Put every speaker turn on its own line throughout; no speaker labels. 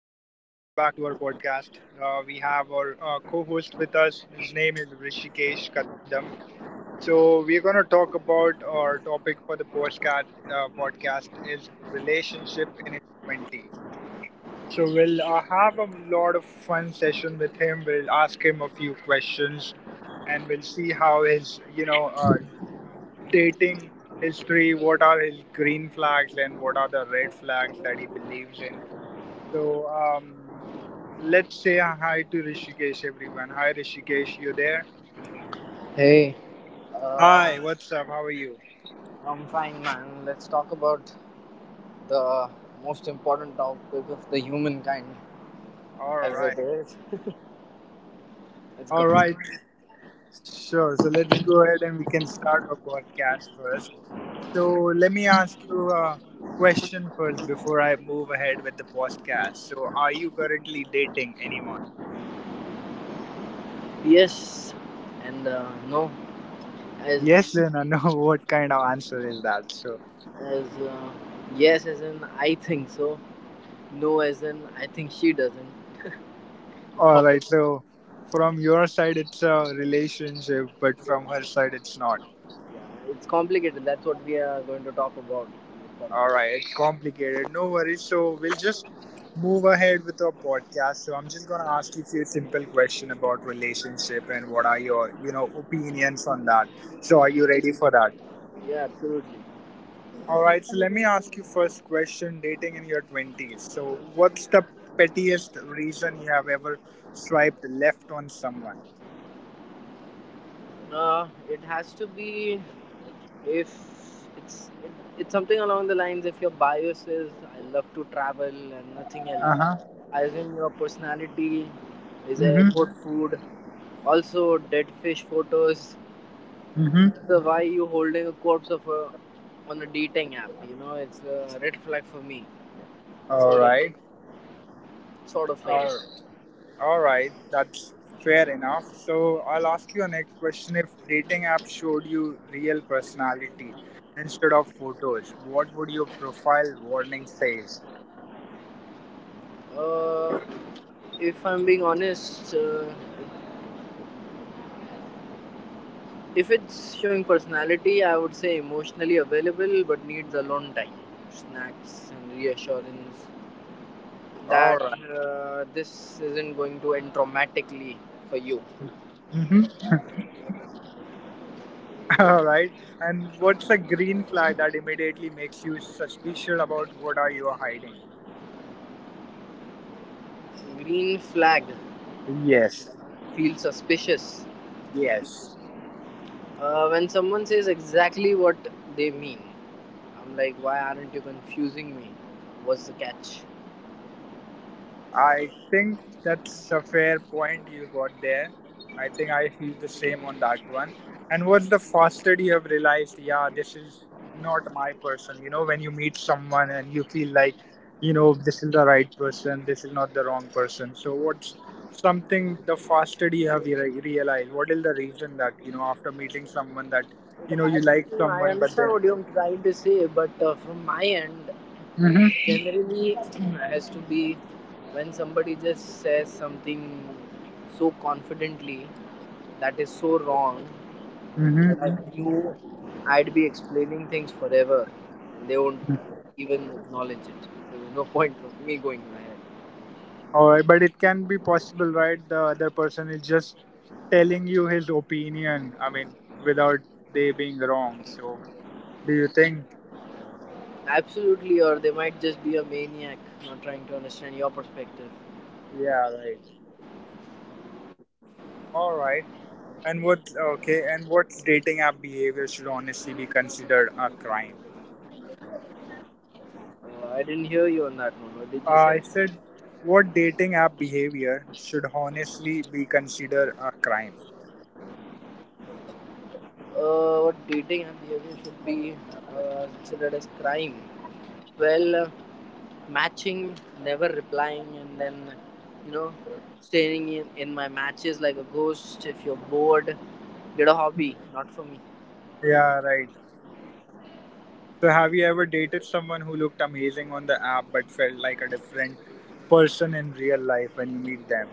back to our podcast. We have our co host with us. His name is Rishikesh Kadam. So, we're going to talk about our topic for the podcast, is relationship in his 20s. So, we'll have a lot of fun session with him. We'll ask him a few questions and we'll see how his dating history, what are his green flags and what are the red flags that he believes in, so let's say a hi to Rishikesh, everyone. Hi, Rishikesh, you there?
Hey, uh,
Hi, what's up? How are you?
I'm fine, man. Let's talk about the most important topic of the humankind,
All
as it
right.
is. Let's go.
All right. Sure. So let's go ahead and we can start our podcast first. So let me ask you a question first before I move ahead with the podcast. So, are you currently dating anyone?
Yes, and no, as
Yes, Lena. No, what kind of answer is that? So,
as uh, yes, as in I think so. No, as in I think she doesn't. It's
all right.
complicated.
So, from your side, it's a relationship, but from her
Yeah.
side, it's not.
Yeah, it's complicated. That's what we are going to talk about in this
All
podcast.
right, it's complicated. No worries. So we'll just move ahead with our podcast. So I'm just gonna ask you a few simple questions about relationship and what are your, you know, opinions on that. So are you ready for that?
Yeah, absolutely.
All right. So let me ask you first question: dating in your twenties. So what's the pettiest reason you have ever swiped left on someone?
It has to be if it's it, it's something along the lines if your bias is I love to travel and nothing
Uh
else.
huh.
I assume your personality is
Mhm.
airport food. Also dead fish photos.
Mhm.
So why you holding a corpse of a on a dating app? You know it's a red flag for me.
All
sort of
right.
sort of like.
All right. All right, that's fair enough. So I'll ask you a next question. If dating app showed you real personality instead of photos, what would your profile warning says?
uh if I'm being honest, if it's showing personality, I would say emotionally available but needs alone time, snacks, and reassurance
All
that,
right.
this isn't going to end traumatically for you.
Mm-hmm. All right. And what's a green flag that immediately makes you suspicious about what are you hiding?
Green flag?
Yes.
Feel suspicious?
Yes.
When someone says exactly what they mean. I'm like, why aren't you confusing me? What's the catch?
I think that's a fair point you got there. I think I feel the same on that one. And what's the faster you have realized, yeah, this is not my person. You know, when you meet someone and you feel like, you know, this is the right person, this is not the wrong person. So what's something the faster you have realized? What is the reason that, you know, after meeting someone that,
It
you know, you
has
like
to. I
someone, but
understand
then.
what you're trying to say, but from my end,
Mm-hmm.
generally has to be when somebody just says something so confidently that is so wrong that I
Mm-hmm.
knew I'd be explaining things forever and they won't even acknowledge it. There's no point of me going ahead.
Alright, but it can be possible, right? The other person is just telling you his opinion. I mean, without they being wrong. So, do you think?
Absolutely, or they might just be a maniac not trying to understand your perspective.
Yeah, right. All right. And what? Okay. And what dating app behavior should honestly be considered a crime?
I didn't hear you on that one. What did you say?
I said, what dating app behavior should honestly be considered a crime?
What dating and behavior should be considered as crime? Well, matching, never replying, and then, you know, staying in my matches like a ghost. If you're bored, get a hobby. Not for me.
Yeah, right. So, have you ever dated someone who looked amazing on the app but felt like a different person in real life when you meet them?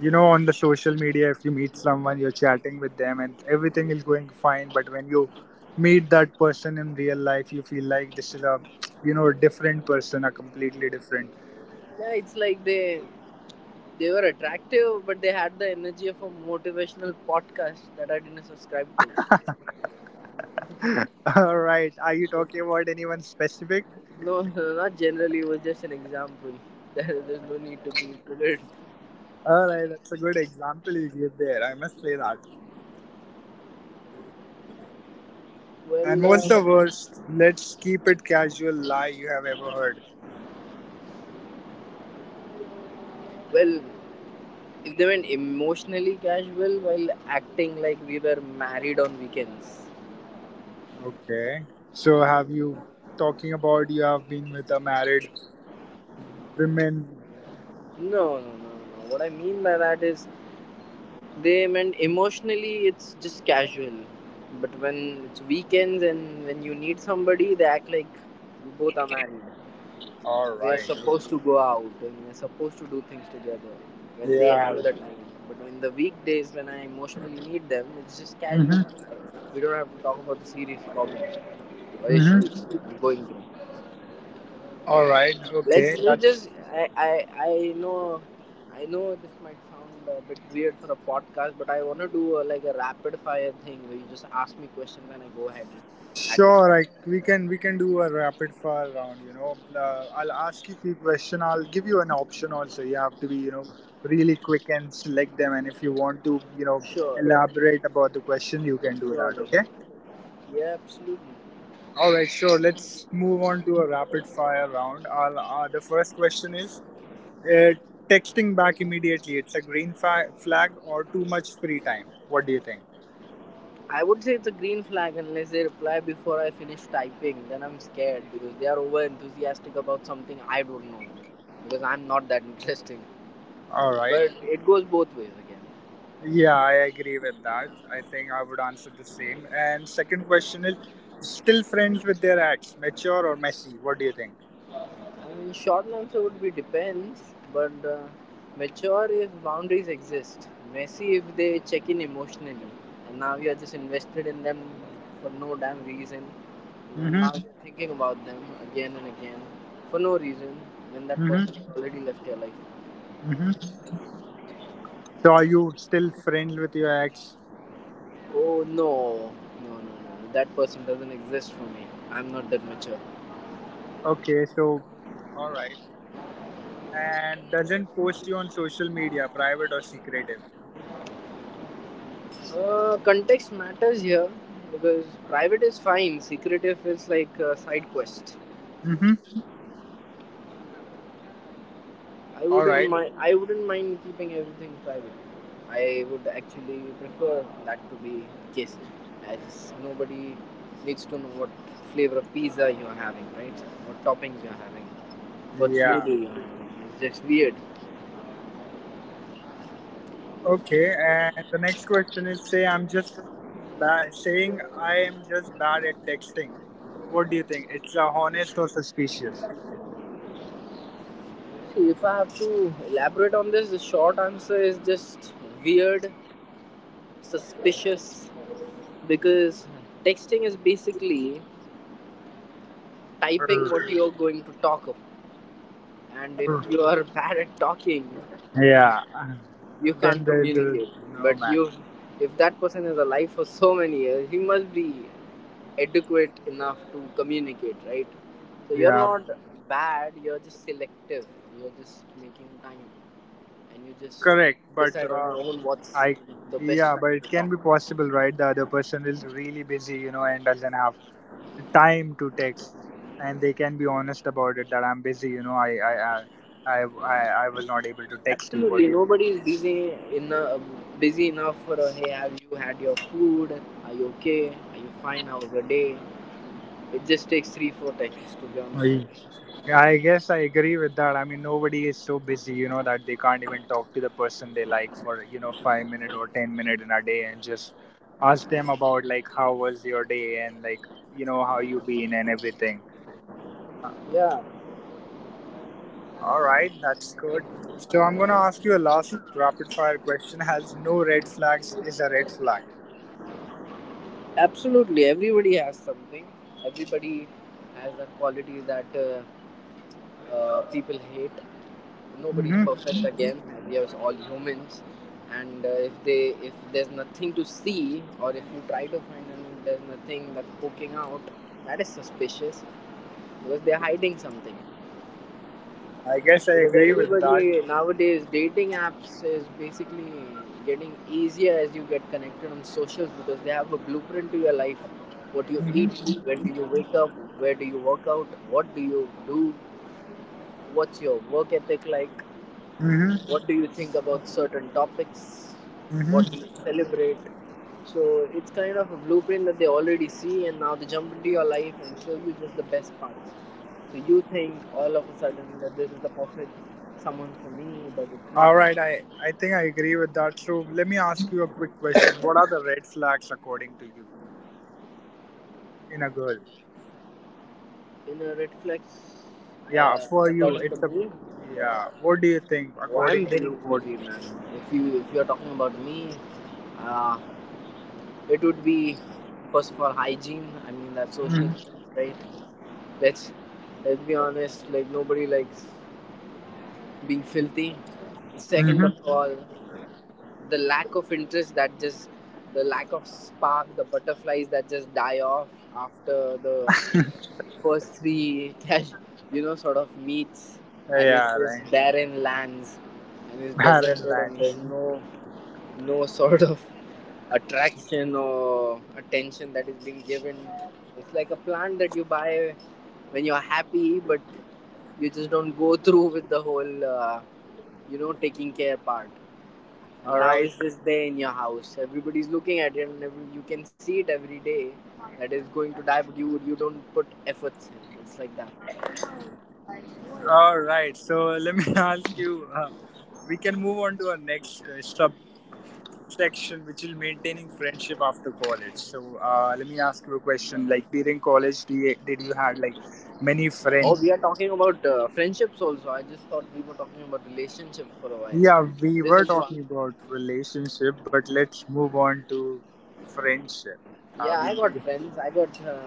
You know, on the social media, if you meet someone, you're chatting with them and everything is going fine, but when you meet that person in real life, you feel like this is a, you know, different person, a completely different.
Yeah, it's like they were attractive, but they had the energy of a motivational podcast that I didn't subscribe to.
All right, are you
So,
talking about anyone specific?
no, not generally. It was just an example. There's no need to be included.
All right, that's a good example you gave there. I must say that. And
Well, uh,
what's the worst? Let's keep it casual lie you have ever heard.
Well, if they went emotionally casual while acting like we were married on weekends.
Okay. So have you talking about you have been with a married women?
No, no, no, no. What I mean by that is they meant emotionally it's just casual. But when it's weekends and when you need somebody, they act like we both are married.
All
We are
right.
supposed
Okay.
to go out and we are supposed to do things together when they have
Yeah.
the time. But in the weekdays when I emotionally need them, it's just casual.
Mhm.
I, we don't have to talk about the serious problems or
Mhm.
issues that I'm going through.
All right.
Let's
Okay. That
let's I know I know this might sound a bit weird for a podcast, but I want to do like a rapid fire thing where you just ask me questions and I go ahead at it.
sure. I We can we can do a rapid fire round. You know, I'll ask you few question. I'll give you an option also. You have to be, you know, really quick and select them. And if you want to, you know,
Sure,
elaborate about the question, you can do that.
surely,
Okay.
yeah, absolutely.
All right, sure. Let's move on to a rapid fire round. I'll, the first question is Uh, texting back immediately, it's a green flag or too much free time. What do you think?
I would say it's a green flag unless they reply before I finish typing. Then I'm scared because they are over enthusiastic about something I don't know because I'm not that interesting.
All right.
But it goes both ways again.
Yeah, I agree with that. I think I would answer the same. And second question is still friends with their ex, mature or messy? What do you think?
I mean, short answer would be depends, but mature if boundaries exist, messy if they check in emotionally, and now you are just invested in them for no damn reason, and then
Mm-hmm.
now you're thinking about them again and again for no reason, when that person has
Mm-hmm.
already left your life.
Mm-hmm. So are you still friends with your ex?
Oh no, no, no, no, that person doesn't exist for me. I'm not that mature.
Okay, so all right. And doesn't post you on social media, private or secretive.
Context matters here because private is fine, secretive is like a side quest.
Mm-hmm.
I
All
wouldn't
right.
mind. I wouldn't mind keeping everything private. I would actually prefer that to be the case, as nobody needs to know what flavor of pizza you're having, right? What toppings you're having, what
Yeah.
smoothie you're having. It's just weird.
Okay, and the next question is say I'm just saying I am just bad at texting. What do you think? It's honest or suspicious?
See, if I have to elaborate on this, the short answer is just weird, suspicious, because texting is basically typing what
Err,
you're going to talk about, and if you
err.
are bad at talking,
Yeah.
you can't
Then the
communicate.
no
But
man.
you if that person is alive for so many years, he must be adequate enough to communicate, right? So you're
Yeah,
not bad, you're just selective, you're just making time, and you just
correct. But
decide on your own what's
I
the best
yeah, but
time
it
to talk.
can be possible, right? The other person is really busy, you know, and doesn't have time to text, and they can be honest about it that I'm busy, you know. I I was not able to
Absolutely
text you. What do
nobody
you
is busy enough. Busy enough for a hey, have you had your food, are you okay, are you fine, how was your day? It just takes 3 or 4 texts, to be
think?
honest.
I guess I agree with that. I mean, nobody is so busy, you know, that they can't even talk to the person they like for, you know, 5 minutes or 10 minutes in a day and just ask them about like how was your day and like, you know, how you been and everything.
Yeah.
All right, that's good. So I'm gonna ask you a last rapid fire question. Has no red flags is a red flag.
Absolutely, everybody has something. Everybody has a quality that people hate. Nobody's
Mm-hmm.
perfect again. We are all humans, and if there's nothing to see, or if you try to find and there's nothing that's poking out, that is suspicious because they're hiding something.
I guess I
Because
agree with that.
everybody nowadays, dating apps is basically getting easier as you get connected on socials because they have a blueprint to your life. What you eat,
Mm-hmm.
when do you wake up, where do you work out, what do you do, what's your work ethic like,
Mm-hmm.
what do you think about certain topics, what do
Mm-hmm.
you celebrate? So it's kind of a blueprint that they already see, and now they jump into your life and show you just the best parts, so you think all of a sudden that this is the perfect someone for me, but it's not.
All right, I think I agree with that. So let me ask you a quick question. What are the red flags according to you in a girl?
Inner red flags?
Yeah, for you,
According to
it's a
me,
yeah. What do you think
well, I'm
according to
very
you? What?
choosy, man. If you're talking about me, uh, it would be, first of all, hygiene. I mean, that social sense, right? Let's let's be honest. Like nobody likes being filthy. Second of
Mm-hmm.
all, the lack of interest, that just, the lack of spark, the butterflies that just die off after the first three cash, you know, sort of meets, and it's
Yeah, right.
just barren lands, and it's
Barren
deserted, and
land.
there's no sort of attraction or attention that is being given. It's like a plant that you buy when you're happy, but you just don't go through with the whole taking care part, and
All
now
right.
it's just there in your house, everybody's looking at it and you can see it every day, that is going to die, but you don't put efforts in. It's like that.
All right. So let me ask you. We can move on to our next subsection, which is maintaining friendship after college. So let me ask you a question. Like during college, did you had like many
Oh, we are
friends?
talking about friendships also. I just thought we were talking about relationships for a while.
Yeah, we
This
were
is
talking
fun.
about relationship, but let's move on to friendship. I
Yeah, I
mean,
got friends. I got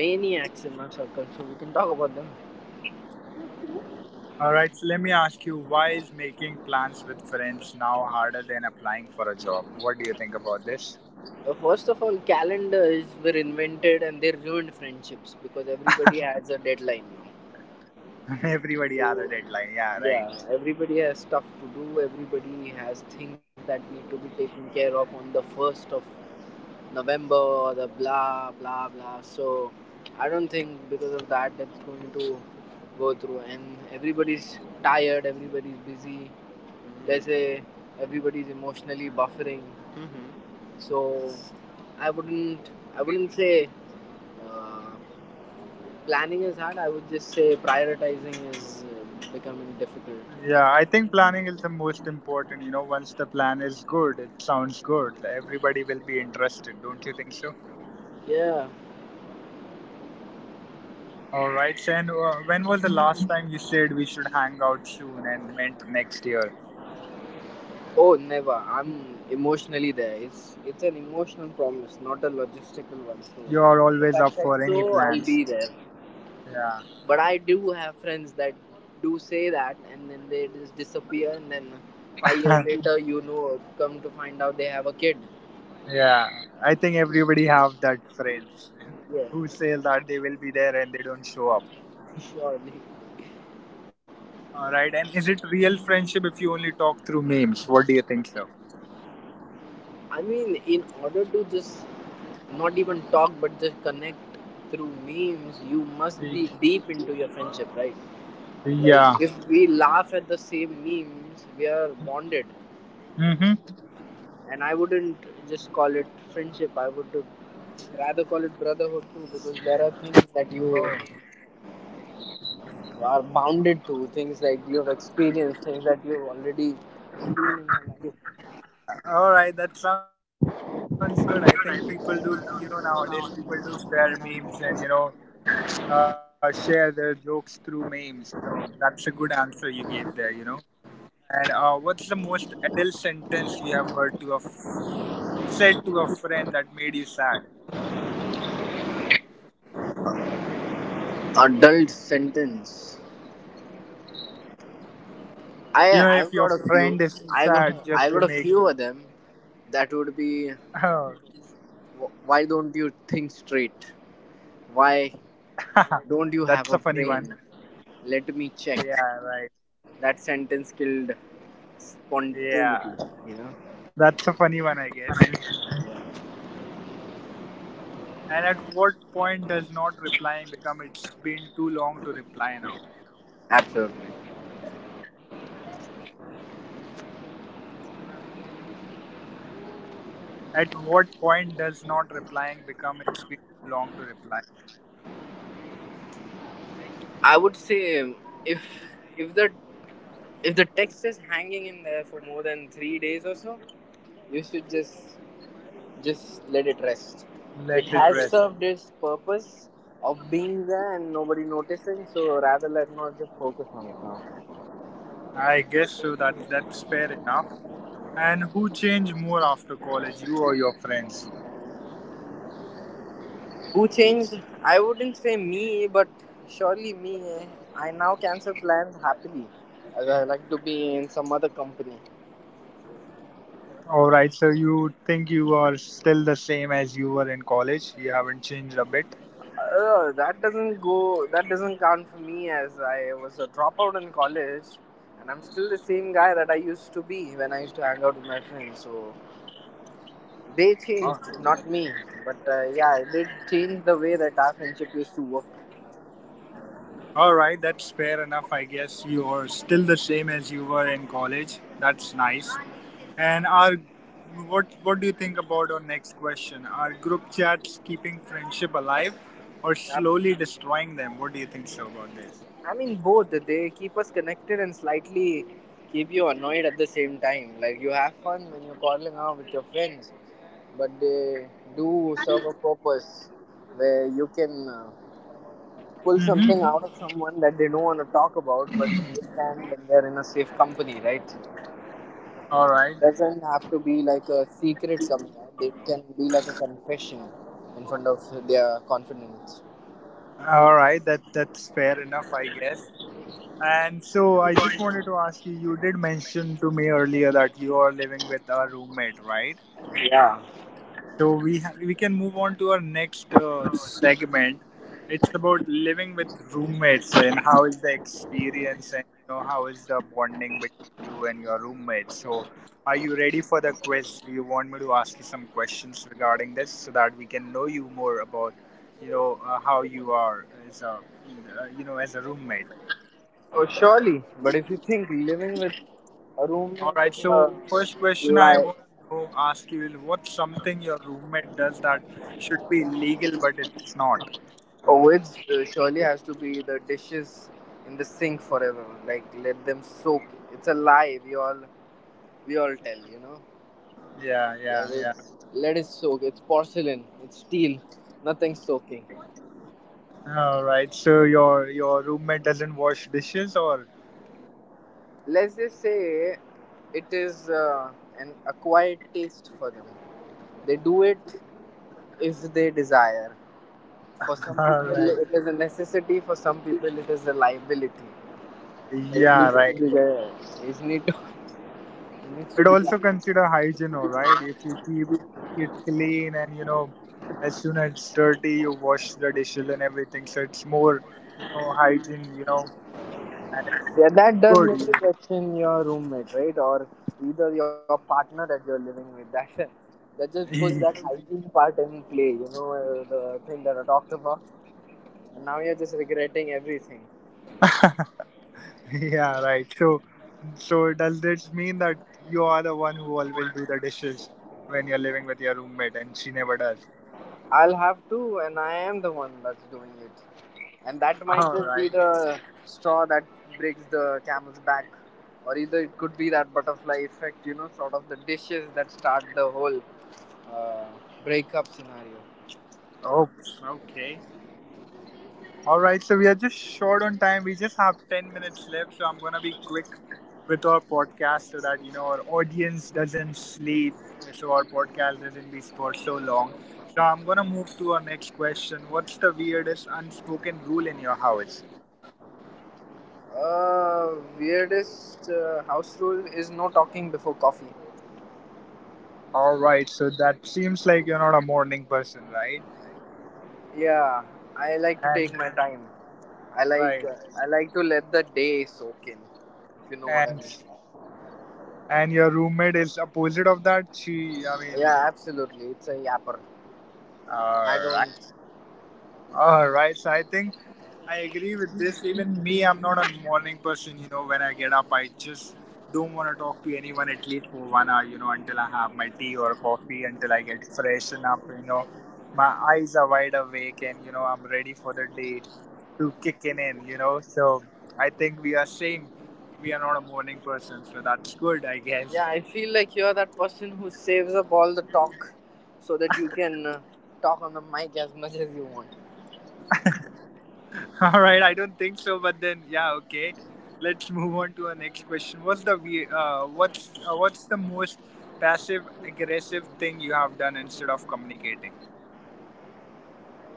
maniacs in my circle, so we can talk about them.
all right, so let me ask you why is making plans with friends now harder than applying for a job? What do you think about this?
First of all, calendars were invented and they ruined friendships because everybody has a deadline now.
Everybody has a
So,
deadline. Yeah, right.
yeah, everybody has stuff to do, everybody has things that need to be taken care of on the 1st of November or the blah blah blah. So, I don't think because of that that's going to go through, and everybody's tired, everybody's busy, let's say everybody's emotionally buffering. Mm-hmm. So, I wouldn't I wouldn't say, uh, planning is hard. I would just say prioritizing is becoming difficult.
Yeah, I think planning is the most important. You know, once the plan is good, it sounds good. Everybody will be interested, don't you think so?
Yeah.
All right, then when was the last time you said we should hang out soon and meant next year?
Oh, never. I'm emotionally there. It's an emotional promise, not a logistical one. So
You are
if
always
I
up
said
for
so,
any
I'll
plans.
be there.
Yeah.
But I do have friends that do say that, and then they just disappear, and then 5 years later, come to find out they have a kid.
Yeah. I think everybody have that friends
Yeah,
who say that they will be there and they don't show up.
surely.
All right. And is it real friendship if you only talk through memes? What do you think, sir?
I mean, in order to just not even talk but just connect through memes, you must
Y-
be deep into your friendship, right?
Yeah.
Like, if we laugh at the same memes, we are bonded.
Mm-hmm.
And I wouldn't just call it friendship, I would rather call it brotherhood too, because there are things that you
Oh.
are bounded to, things like you have experienced, things that you've already seen in your life.
All right. That sounds good. I think people do, you know, nowadays people do share memes and, you know, share their jokes through memes. So that's a good answer you gave there, you know. And what's the most adult sentence you have heard to a said to a friend that made you sad?
Adult sentence. I
You know, if
I've
your
got a few.
friend is
I got
sad, just
I
to
got a
make.
few of them. That would be,
Oh,
why don't you think straight? Why don't you have
that's a
a
funny one.
brain? Let me check.
Yeah, right.
That sentence killed
Yeah,
spontaneity. You know,
that's a funny one, I guess. And at what point does not replying become it's been too long to reply now?
absolutely.
At what point does not replying become it's been too long to reply?
I would say if if the if the text is hanging in there for more than 3 days or so, you should just let it rest. It
Let it
has
rest.
served its purpose of being there and nobody noticing, so rather let not just focus on it now.
I guess so. That that's fair enough. And who changed more after college, you or your friends?
Who changed? I wouldn't say me, but surely me, eh? I now cancel plans happily, as I like to be in some other company.
All right, so you think you are still the same as you were in college? You haven't changed a bit?
That doesn't go. That doesn't count for me, as I was a dropout in college, and I'm still the same guy that I used to be when I used to hang out with my friends. So they changed,
Ah.
not me, but yeah, it did change the way that our friendship used to work.
All right, that's fair enough. I guess you are still the same as you were in college. That's nice. And our what do you think about our next question? Are group chats keeping friendship alive or
I,
slowly destroying them? What do you think so about this?
I mean, both. They keep us connected and slightly keep you annoyed at the same time. Like, you have fun when you're calling out with your friends, but they do serve a purpose where you can pull something
Mm-hmm.
out of someone that they don't want to talk about, but they can when they're in a safe company, right?
All right.
Doesn't have to be like a secret coming out. It can be like a confession in front of their confidence.
All right, that that's fair enough, I guess. And so I just wanted to ask you, you did mention to me earlier that you are living with a roommate, right?
Yeah.
So we we can move on to our next segment. It's about living with roommates and how is the experience and you know how is the bonding between you and your roommates. So are you ready for the quiz? Do you want me to ask you some questions regarding this so that we can know you more about, you know, how you are as a you know as a roommate?
Oh, surely. But if you think living with a
All
roommate
right.
is a
So first question I
like,
want to know, ask you is what's something your roommate does that should be illegal but it's not?
oh, it surely has to be the dishes in the sink forever. Like let them soak. It's a lie. We all tell. You know.
Yeah, yeah,
Like
yeah.
let it soak. It's porcelain. It's steel. Nothing's soaking.
All right. So your roommate doesn't wash dishes or
Let's just say it is an acquired taste for them. They do it if they desire. For some
all
people,
right.
it is a necessity. For some people, it is a liability. It
Yeah,
needs to
right.
be there. It need to, it needs to
It
be
also
done.
consider hygiene, all right? If you keep it clean and you know as soon as it's dirty you wash the dishes and everything. So it's more, you know, hygiene, you know, and it's
Yeah, that does make
good.
you question your roommate, right? Or either your partner that you're living with. That that just puts that
You know.
hygiene part in play. You know the thing that I talked about. And now you're just regretting everything.
Yeah, right. So does this mean that you are the one who always do the dishes when you're living with your roommate, and she never does?
I'll have to, and I am the one that's doing it. And that might
All
just be
right.
the straw that breaks the camel's back. Or either it could be that butterfly effect, you know, sort of the dishes that start the whole uh, breakup scenario.
Oh, okay. All right. So we are just short on time. We just have 10 minutes left, so I'm gonna be quick with our podcast so that you know our audience doesn't sleep, so our podcast doesn't be for so long. So I'm gonna move to our next question. What's the weirdest unspoken rule in your house?
Weirdest house rule is no talking before coffee.
All right, so that seems like you're not a morning person, right?
Yeah, I like to take
And
my time. I like
right,
uh, I like to let the day soak in, if you know what I
and
mean.
and your roommate is opposite of that. She, I
Yeah,
mean,
absolutely. It's a yapper. I
all right.
don't.
All right. So I think I agree with this. Even me, I'm not a morning person. You know, when I get up, I just don't want to talk to anyone at least for one hour, you know, until I have my tea or coffee, until I get freshen up, you know. My eyes are wide awake and, you know, I'm ready for the day to kicking in, you know. So I think we are same. We are not a morning person. So that's good, I guess.
Yeah, I feel like you're that person who saves up all the talk so that you can talk on the mic as much as you want.
All right, I don't think so, but then yeah, okay. Let's move on to our next question. What's the what's the most passive aggressive thing you have done instead of communicating?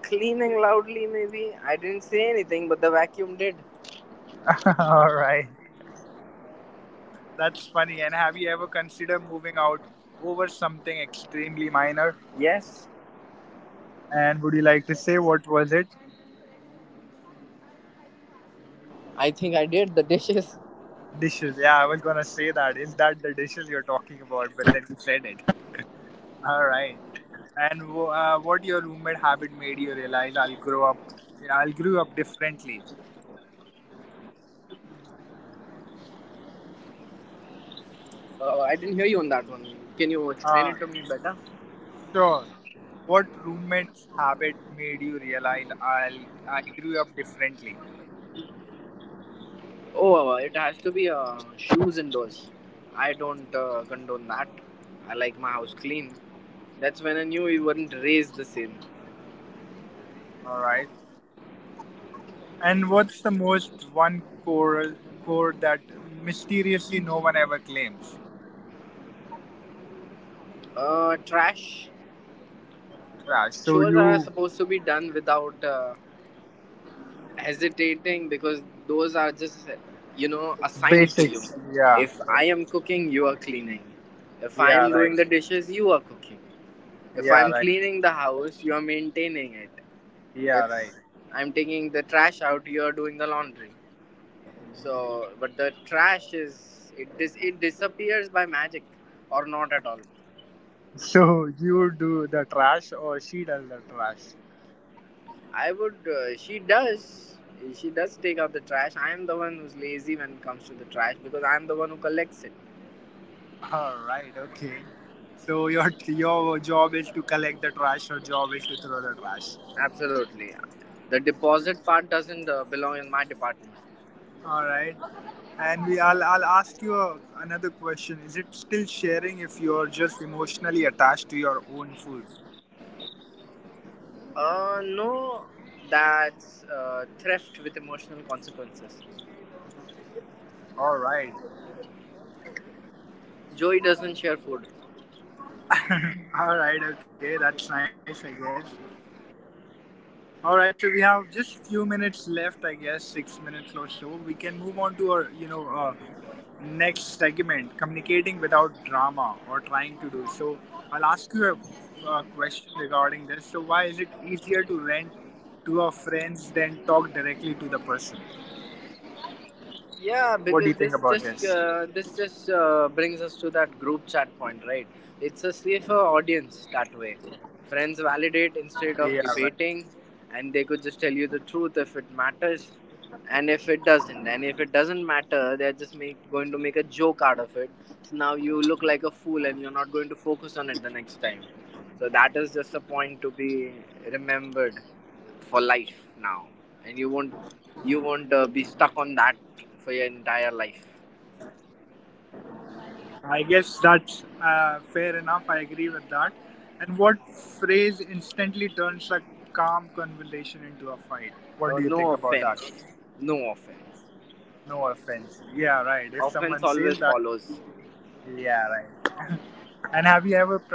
Cleaning loudly, maybe. I didn't say anything, but the vacuum did.
All right, that's funny. And have you ever considered moving out over something extremely minor?
Yes,
And would you like to say what was it?
I think I did. The dishes.
Dishes. Yeah, I was gonna say that. Is that the dishes you're talking about? But then you said it. All right. And what your roommate habit made you realize I'll grow up differently.
I didn't hear you on that one. Can you explain it to me better?
Uh, sure. What roommate's habit made you realize I grew up differently?
Oh, it has to be shoes indoors. I don't condone that. I like my house clean. That's when I knew you weren't raised the same.
All right. And what's the most one core core that mysteriously no one ever claims?
Trash.
Yeah. So
Chores are
you
supposed to be done without hesitating because those are just, you know, assigned to you.
basics. Yeah.
If I am cooking, you are cleaning. If
Yeah.
I am
Right.
doing the dishes, you are cooking. If
Yeah.
I'm
Right.
cleaning the house, you are maintaining it.
Yeah.
If
Right.
I'm taking the trash out, you are doing the laundry. So, but the trash is it disappears by magic or not at all.
So you do the trash or she does the trash?
I would. She does. She does take out the trash. I am the one who's lazy when it comes to the trash because I am the one who collects it.
All right, okay. So your job is to collect the trash, your job is to throw the trash.
Absolutely. The deposit part doesn't belong in my department.
All right. And I'll ask you another question. Is it still sharing if you're just emotionally attached to your own food?
No, that's theft with emotional consequences.
All right.
Joey doesn't share food.
All right. Okay. That's nice, I guess. All right, so we have just few minutes left, I guess, 6 minutes or so. We can move on to our, you know, next segment, communicating without drama or trying to do. So I'll ask you a question regarding this. So why is it easier to rent to our friends than talk directly to the person?
Yeah, because
What do you think about this?
this just brings us to that group chat point, right? It's a safer audience that way. Friends validate instead of
Yeah,
debating,
right.
and they could just tell you the truth if it matters, and if it doesn't matter, going to make a joke out of it. So now you look like a fool, and you're not going to focus on it the next time. So that is just a point to be remembered for life now, and you won't be stuck on that for your entire life.
I guess that's fair enough. I agree with that. And what phrase instantly turns a calm conversation into
No
a fight? What
offense,
do you think
no
about that?
offense.
No
Offense
offense.
always
Yeah, right.
follows.
If someone says that, yeah, right.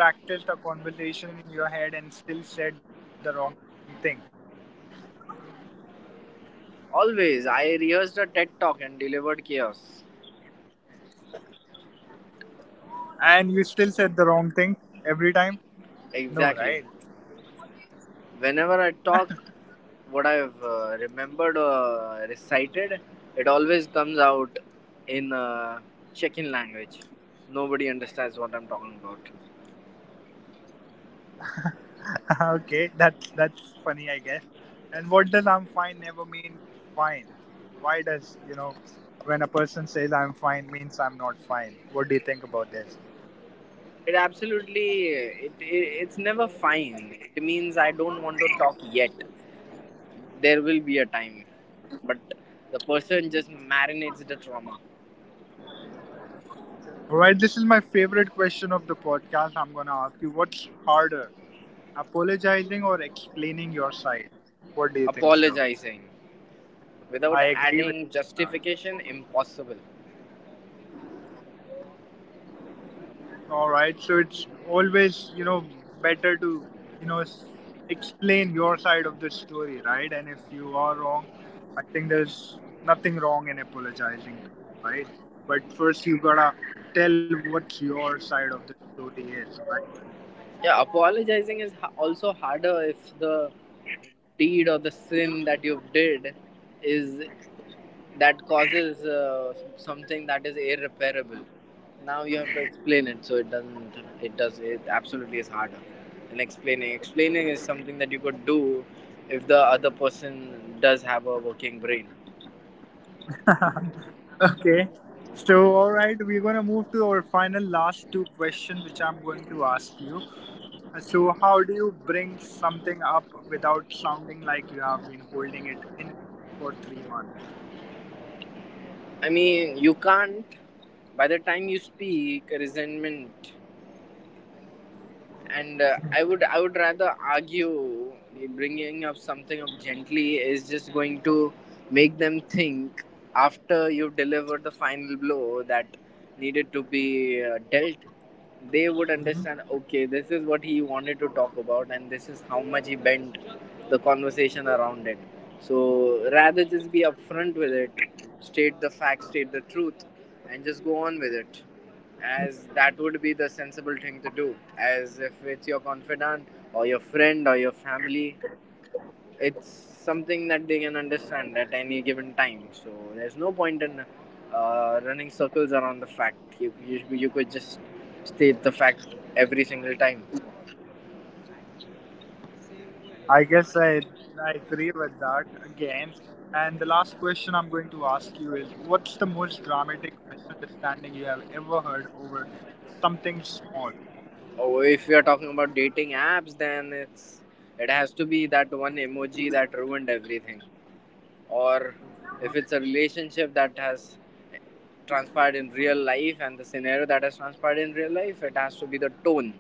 And have you ever practiced a conversation in your head and still said the wrong thing?
Always, I rehearsed a TED talk and delivered chaos.
And you still said the wrong thing every time? No,
Exactly.
right?
Whenever I talk, what I've remembered or recited, it always comes out in Chechen language. Nobody understands what I'm talking about.
Okay, that's funny, I guess. And what does "I'm fine" never mean? Fine. Why does when a person says "I'm fine" means I'm not fine? What do you think about this?
It absolutely it's never fine. It means I don't want to talk yet. There will be a time, but the person just marinates the trauma.
Right, this is my favorite question of the podcast. I'm gonna ask you, what's harder, apologizing or explaining your side? What do you think, sir?
Apologizing without
I agree
adding
with you on that.
justification impossible.
All right. So it's always, you know, better to, you know, s- explain your side of the story, right? And if you are wrong, I think there's nothing wrong in apologizing to it, right? But first, you gotta tell what your side of the story is, right?
Yeah, also harder if the deed or the sin that you've did is that causes something that is irreparable. Now you have to explain it, so it doesn't. It does. It absolutely is harder than explaining. Explaining is something that you could do if the other person does have a working brain.
Okay. So, all right, we're gonna move to our final last two questions, which I'm going to ask you. So, how do you bring something up without sounding like you have been holding it in for 3 months?
I mean, you can't. By the time you speak, resentment and I would rather argue. Bringing up something up gently is just going to make them think, after you've delivered the final blow that needed to be dealt, they would understand, okay, this is what he wanted to talk about and this is how much he bent the conversation around it. So rather just be upfront with it, state the facts, state the truth, and just go on with it, as that would be the sensible thing to do. As if it's your confidant or your friend or your family, it's something that they can understand at any given time. So there's no point in running circles around the fact. You could just state the fact every single time.
I guess I, I agree with that again. And the last question I'm going to ask you is what's the most dramatic misunderstanding you have ever heard over something small?
Or if you're talking about dating apps, then it's it has to be that one emoji that ruined everything. Or if it's a relationship that has transpired in real life, and the scenario that has transpired in real life, it has to be the tone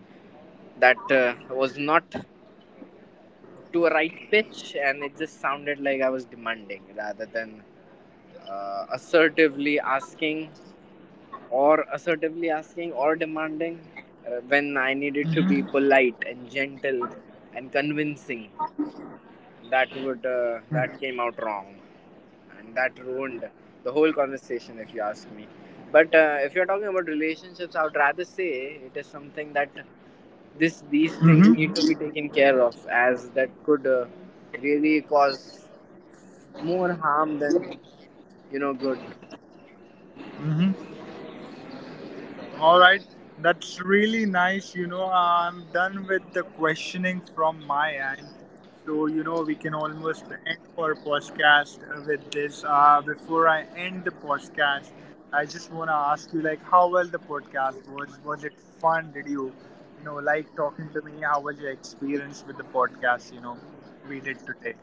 that was not to a right pitch and it just sounded like I was demanding rather than assertively asking. Or assertively asking or demanding When I needed to be
Mm-hmm.
polite and gentle and convincing, that would that came out wrong, and that ruined the whole conversation, if you ask me. But if you're talking about relationships, I would rather say it is something that this these things
Mm-hmm.
need to be taken care of, as that could really cause more harm than, you know, good.
All right, that's really nice. You know, I'm done with the questioning from my end. So, you know, we can almost end our podcast with this. Before I end the podcast, I just want to ask you, like, how well the podcast was? Was it fun? Did you, you know, like talking to me? How was your experience with the podcast, you know, we did today?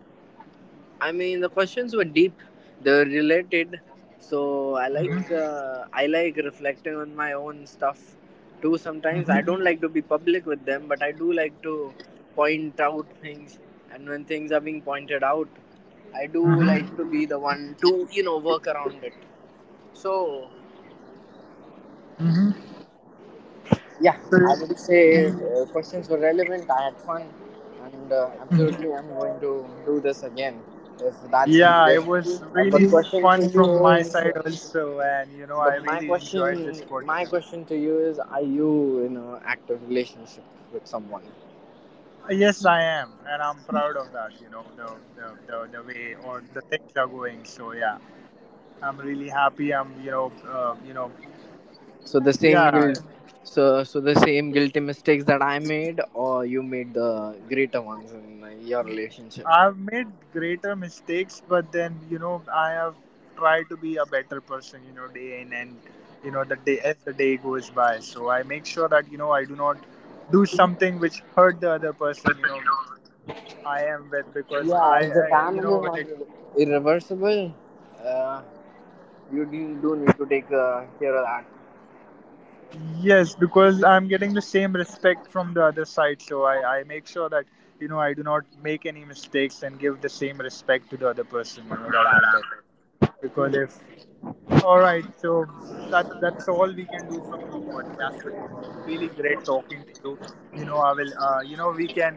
I mean, the questions were deep. They were related, so
Mm-hmm,
I like reflecting on my own stuff too. Sometimes I don't
mm-hmm,
like to be public with them, but I do like to point out things. And when things are being pointed out, I do like to
mm-hmm,
be the one to, you know, work around it. So yeah, I would
mm-hmm.
say questions were relevant. I had fun, and absolutely, I'm going to do this again if that's
Yeah,
needed.
it was
Uh, but
really
question for
fun from
you
my
is
side also, and you know, I
But
really enjoyed this
my
podcast.
question to you is: are you in an active relationship with someone?
Yes, I am, and I'm proud of that. You know, the way or the things are going. So yeah, I'm really happy. I'm you know,
So the same
yeah,
guilt, so the same guilty mistakes that I made, or you made the greater ones in your relationship?
I've made greater mistakes, but then you know, I have tried to be a better person. You know, day in and you know, the day as the day goes by. So I make sure that you know I do not do something which hurt the other person. You know I am with because I,
Yeah, if the
I you
damage
know
is
when
not
it
irre- irreversible, uh, you do, do need to take care of that.
yes because I'm getting the same respect from the other side so I make sure that you know I do not make any mistakes and give the same respect to the other person you know that I'm with because
Hmm.
if all right so that's all we can do from our podcast today. It was really great talking to you. You know I will you know we can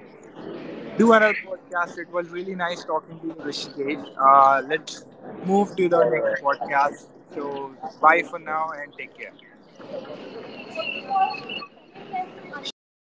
do another podcast. It was really nice talking to you, Rishikesh. Let's move to the next podcast. So, bye for now and take care.
Surely.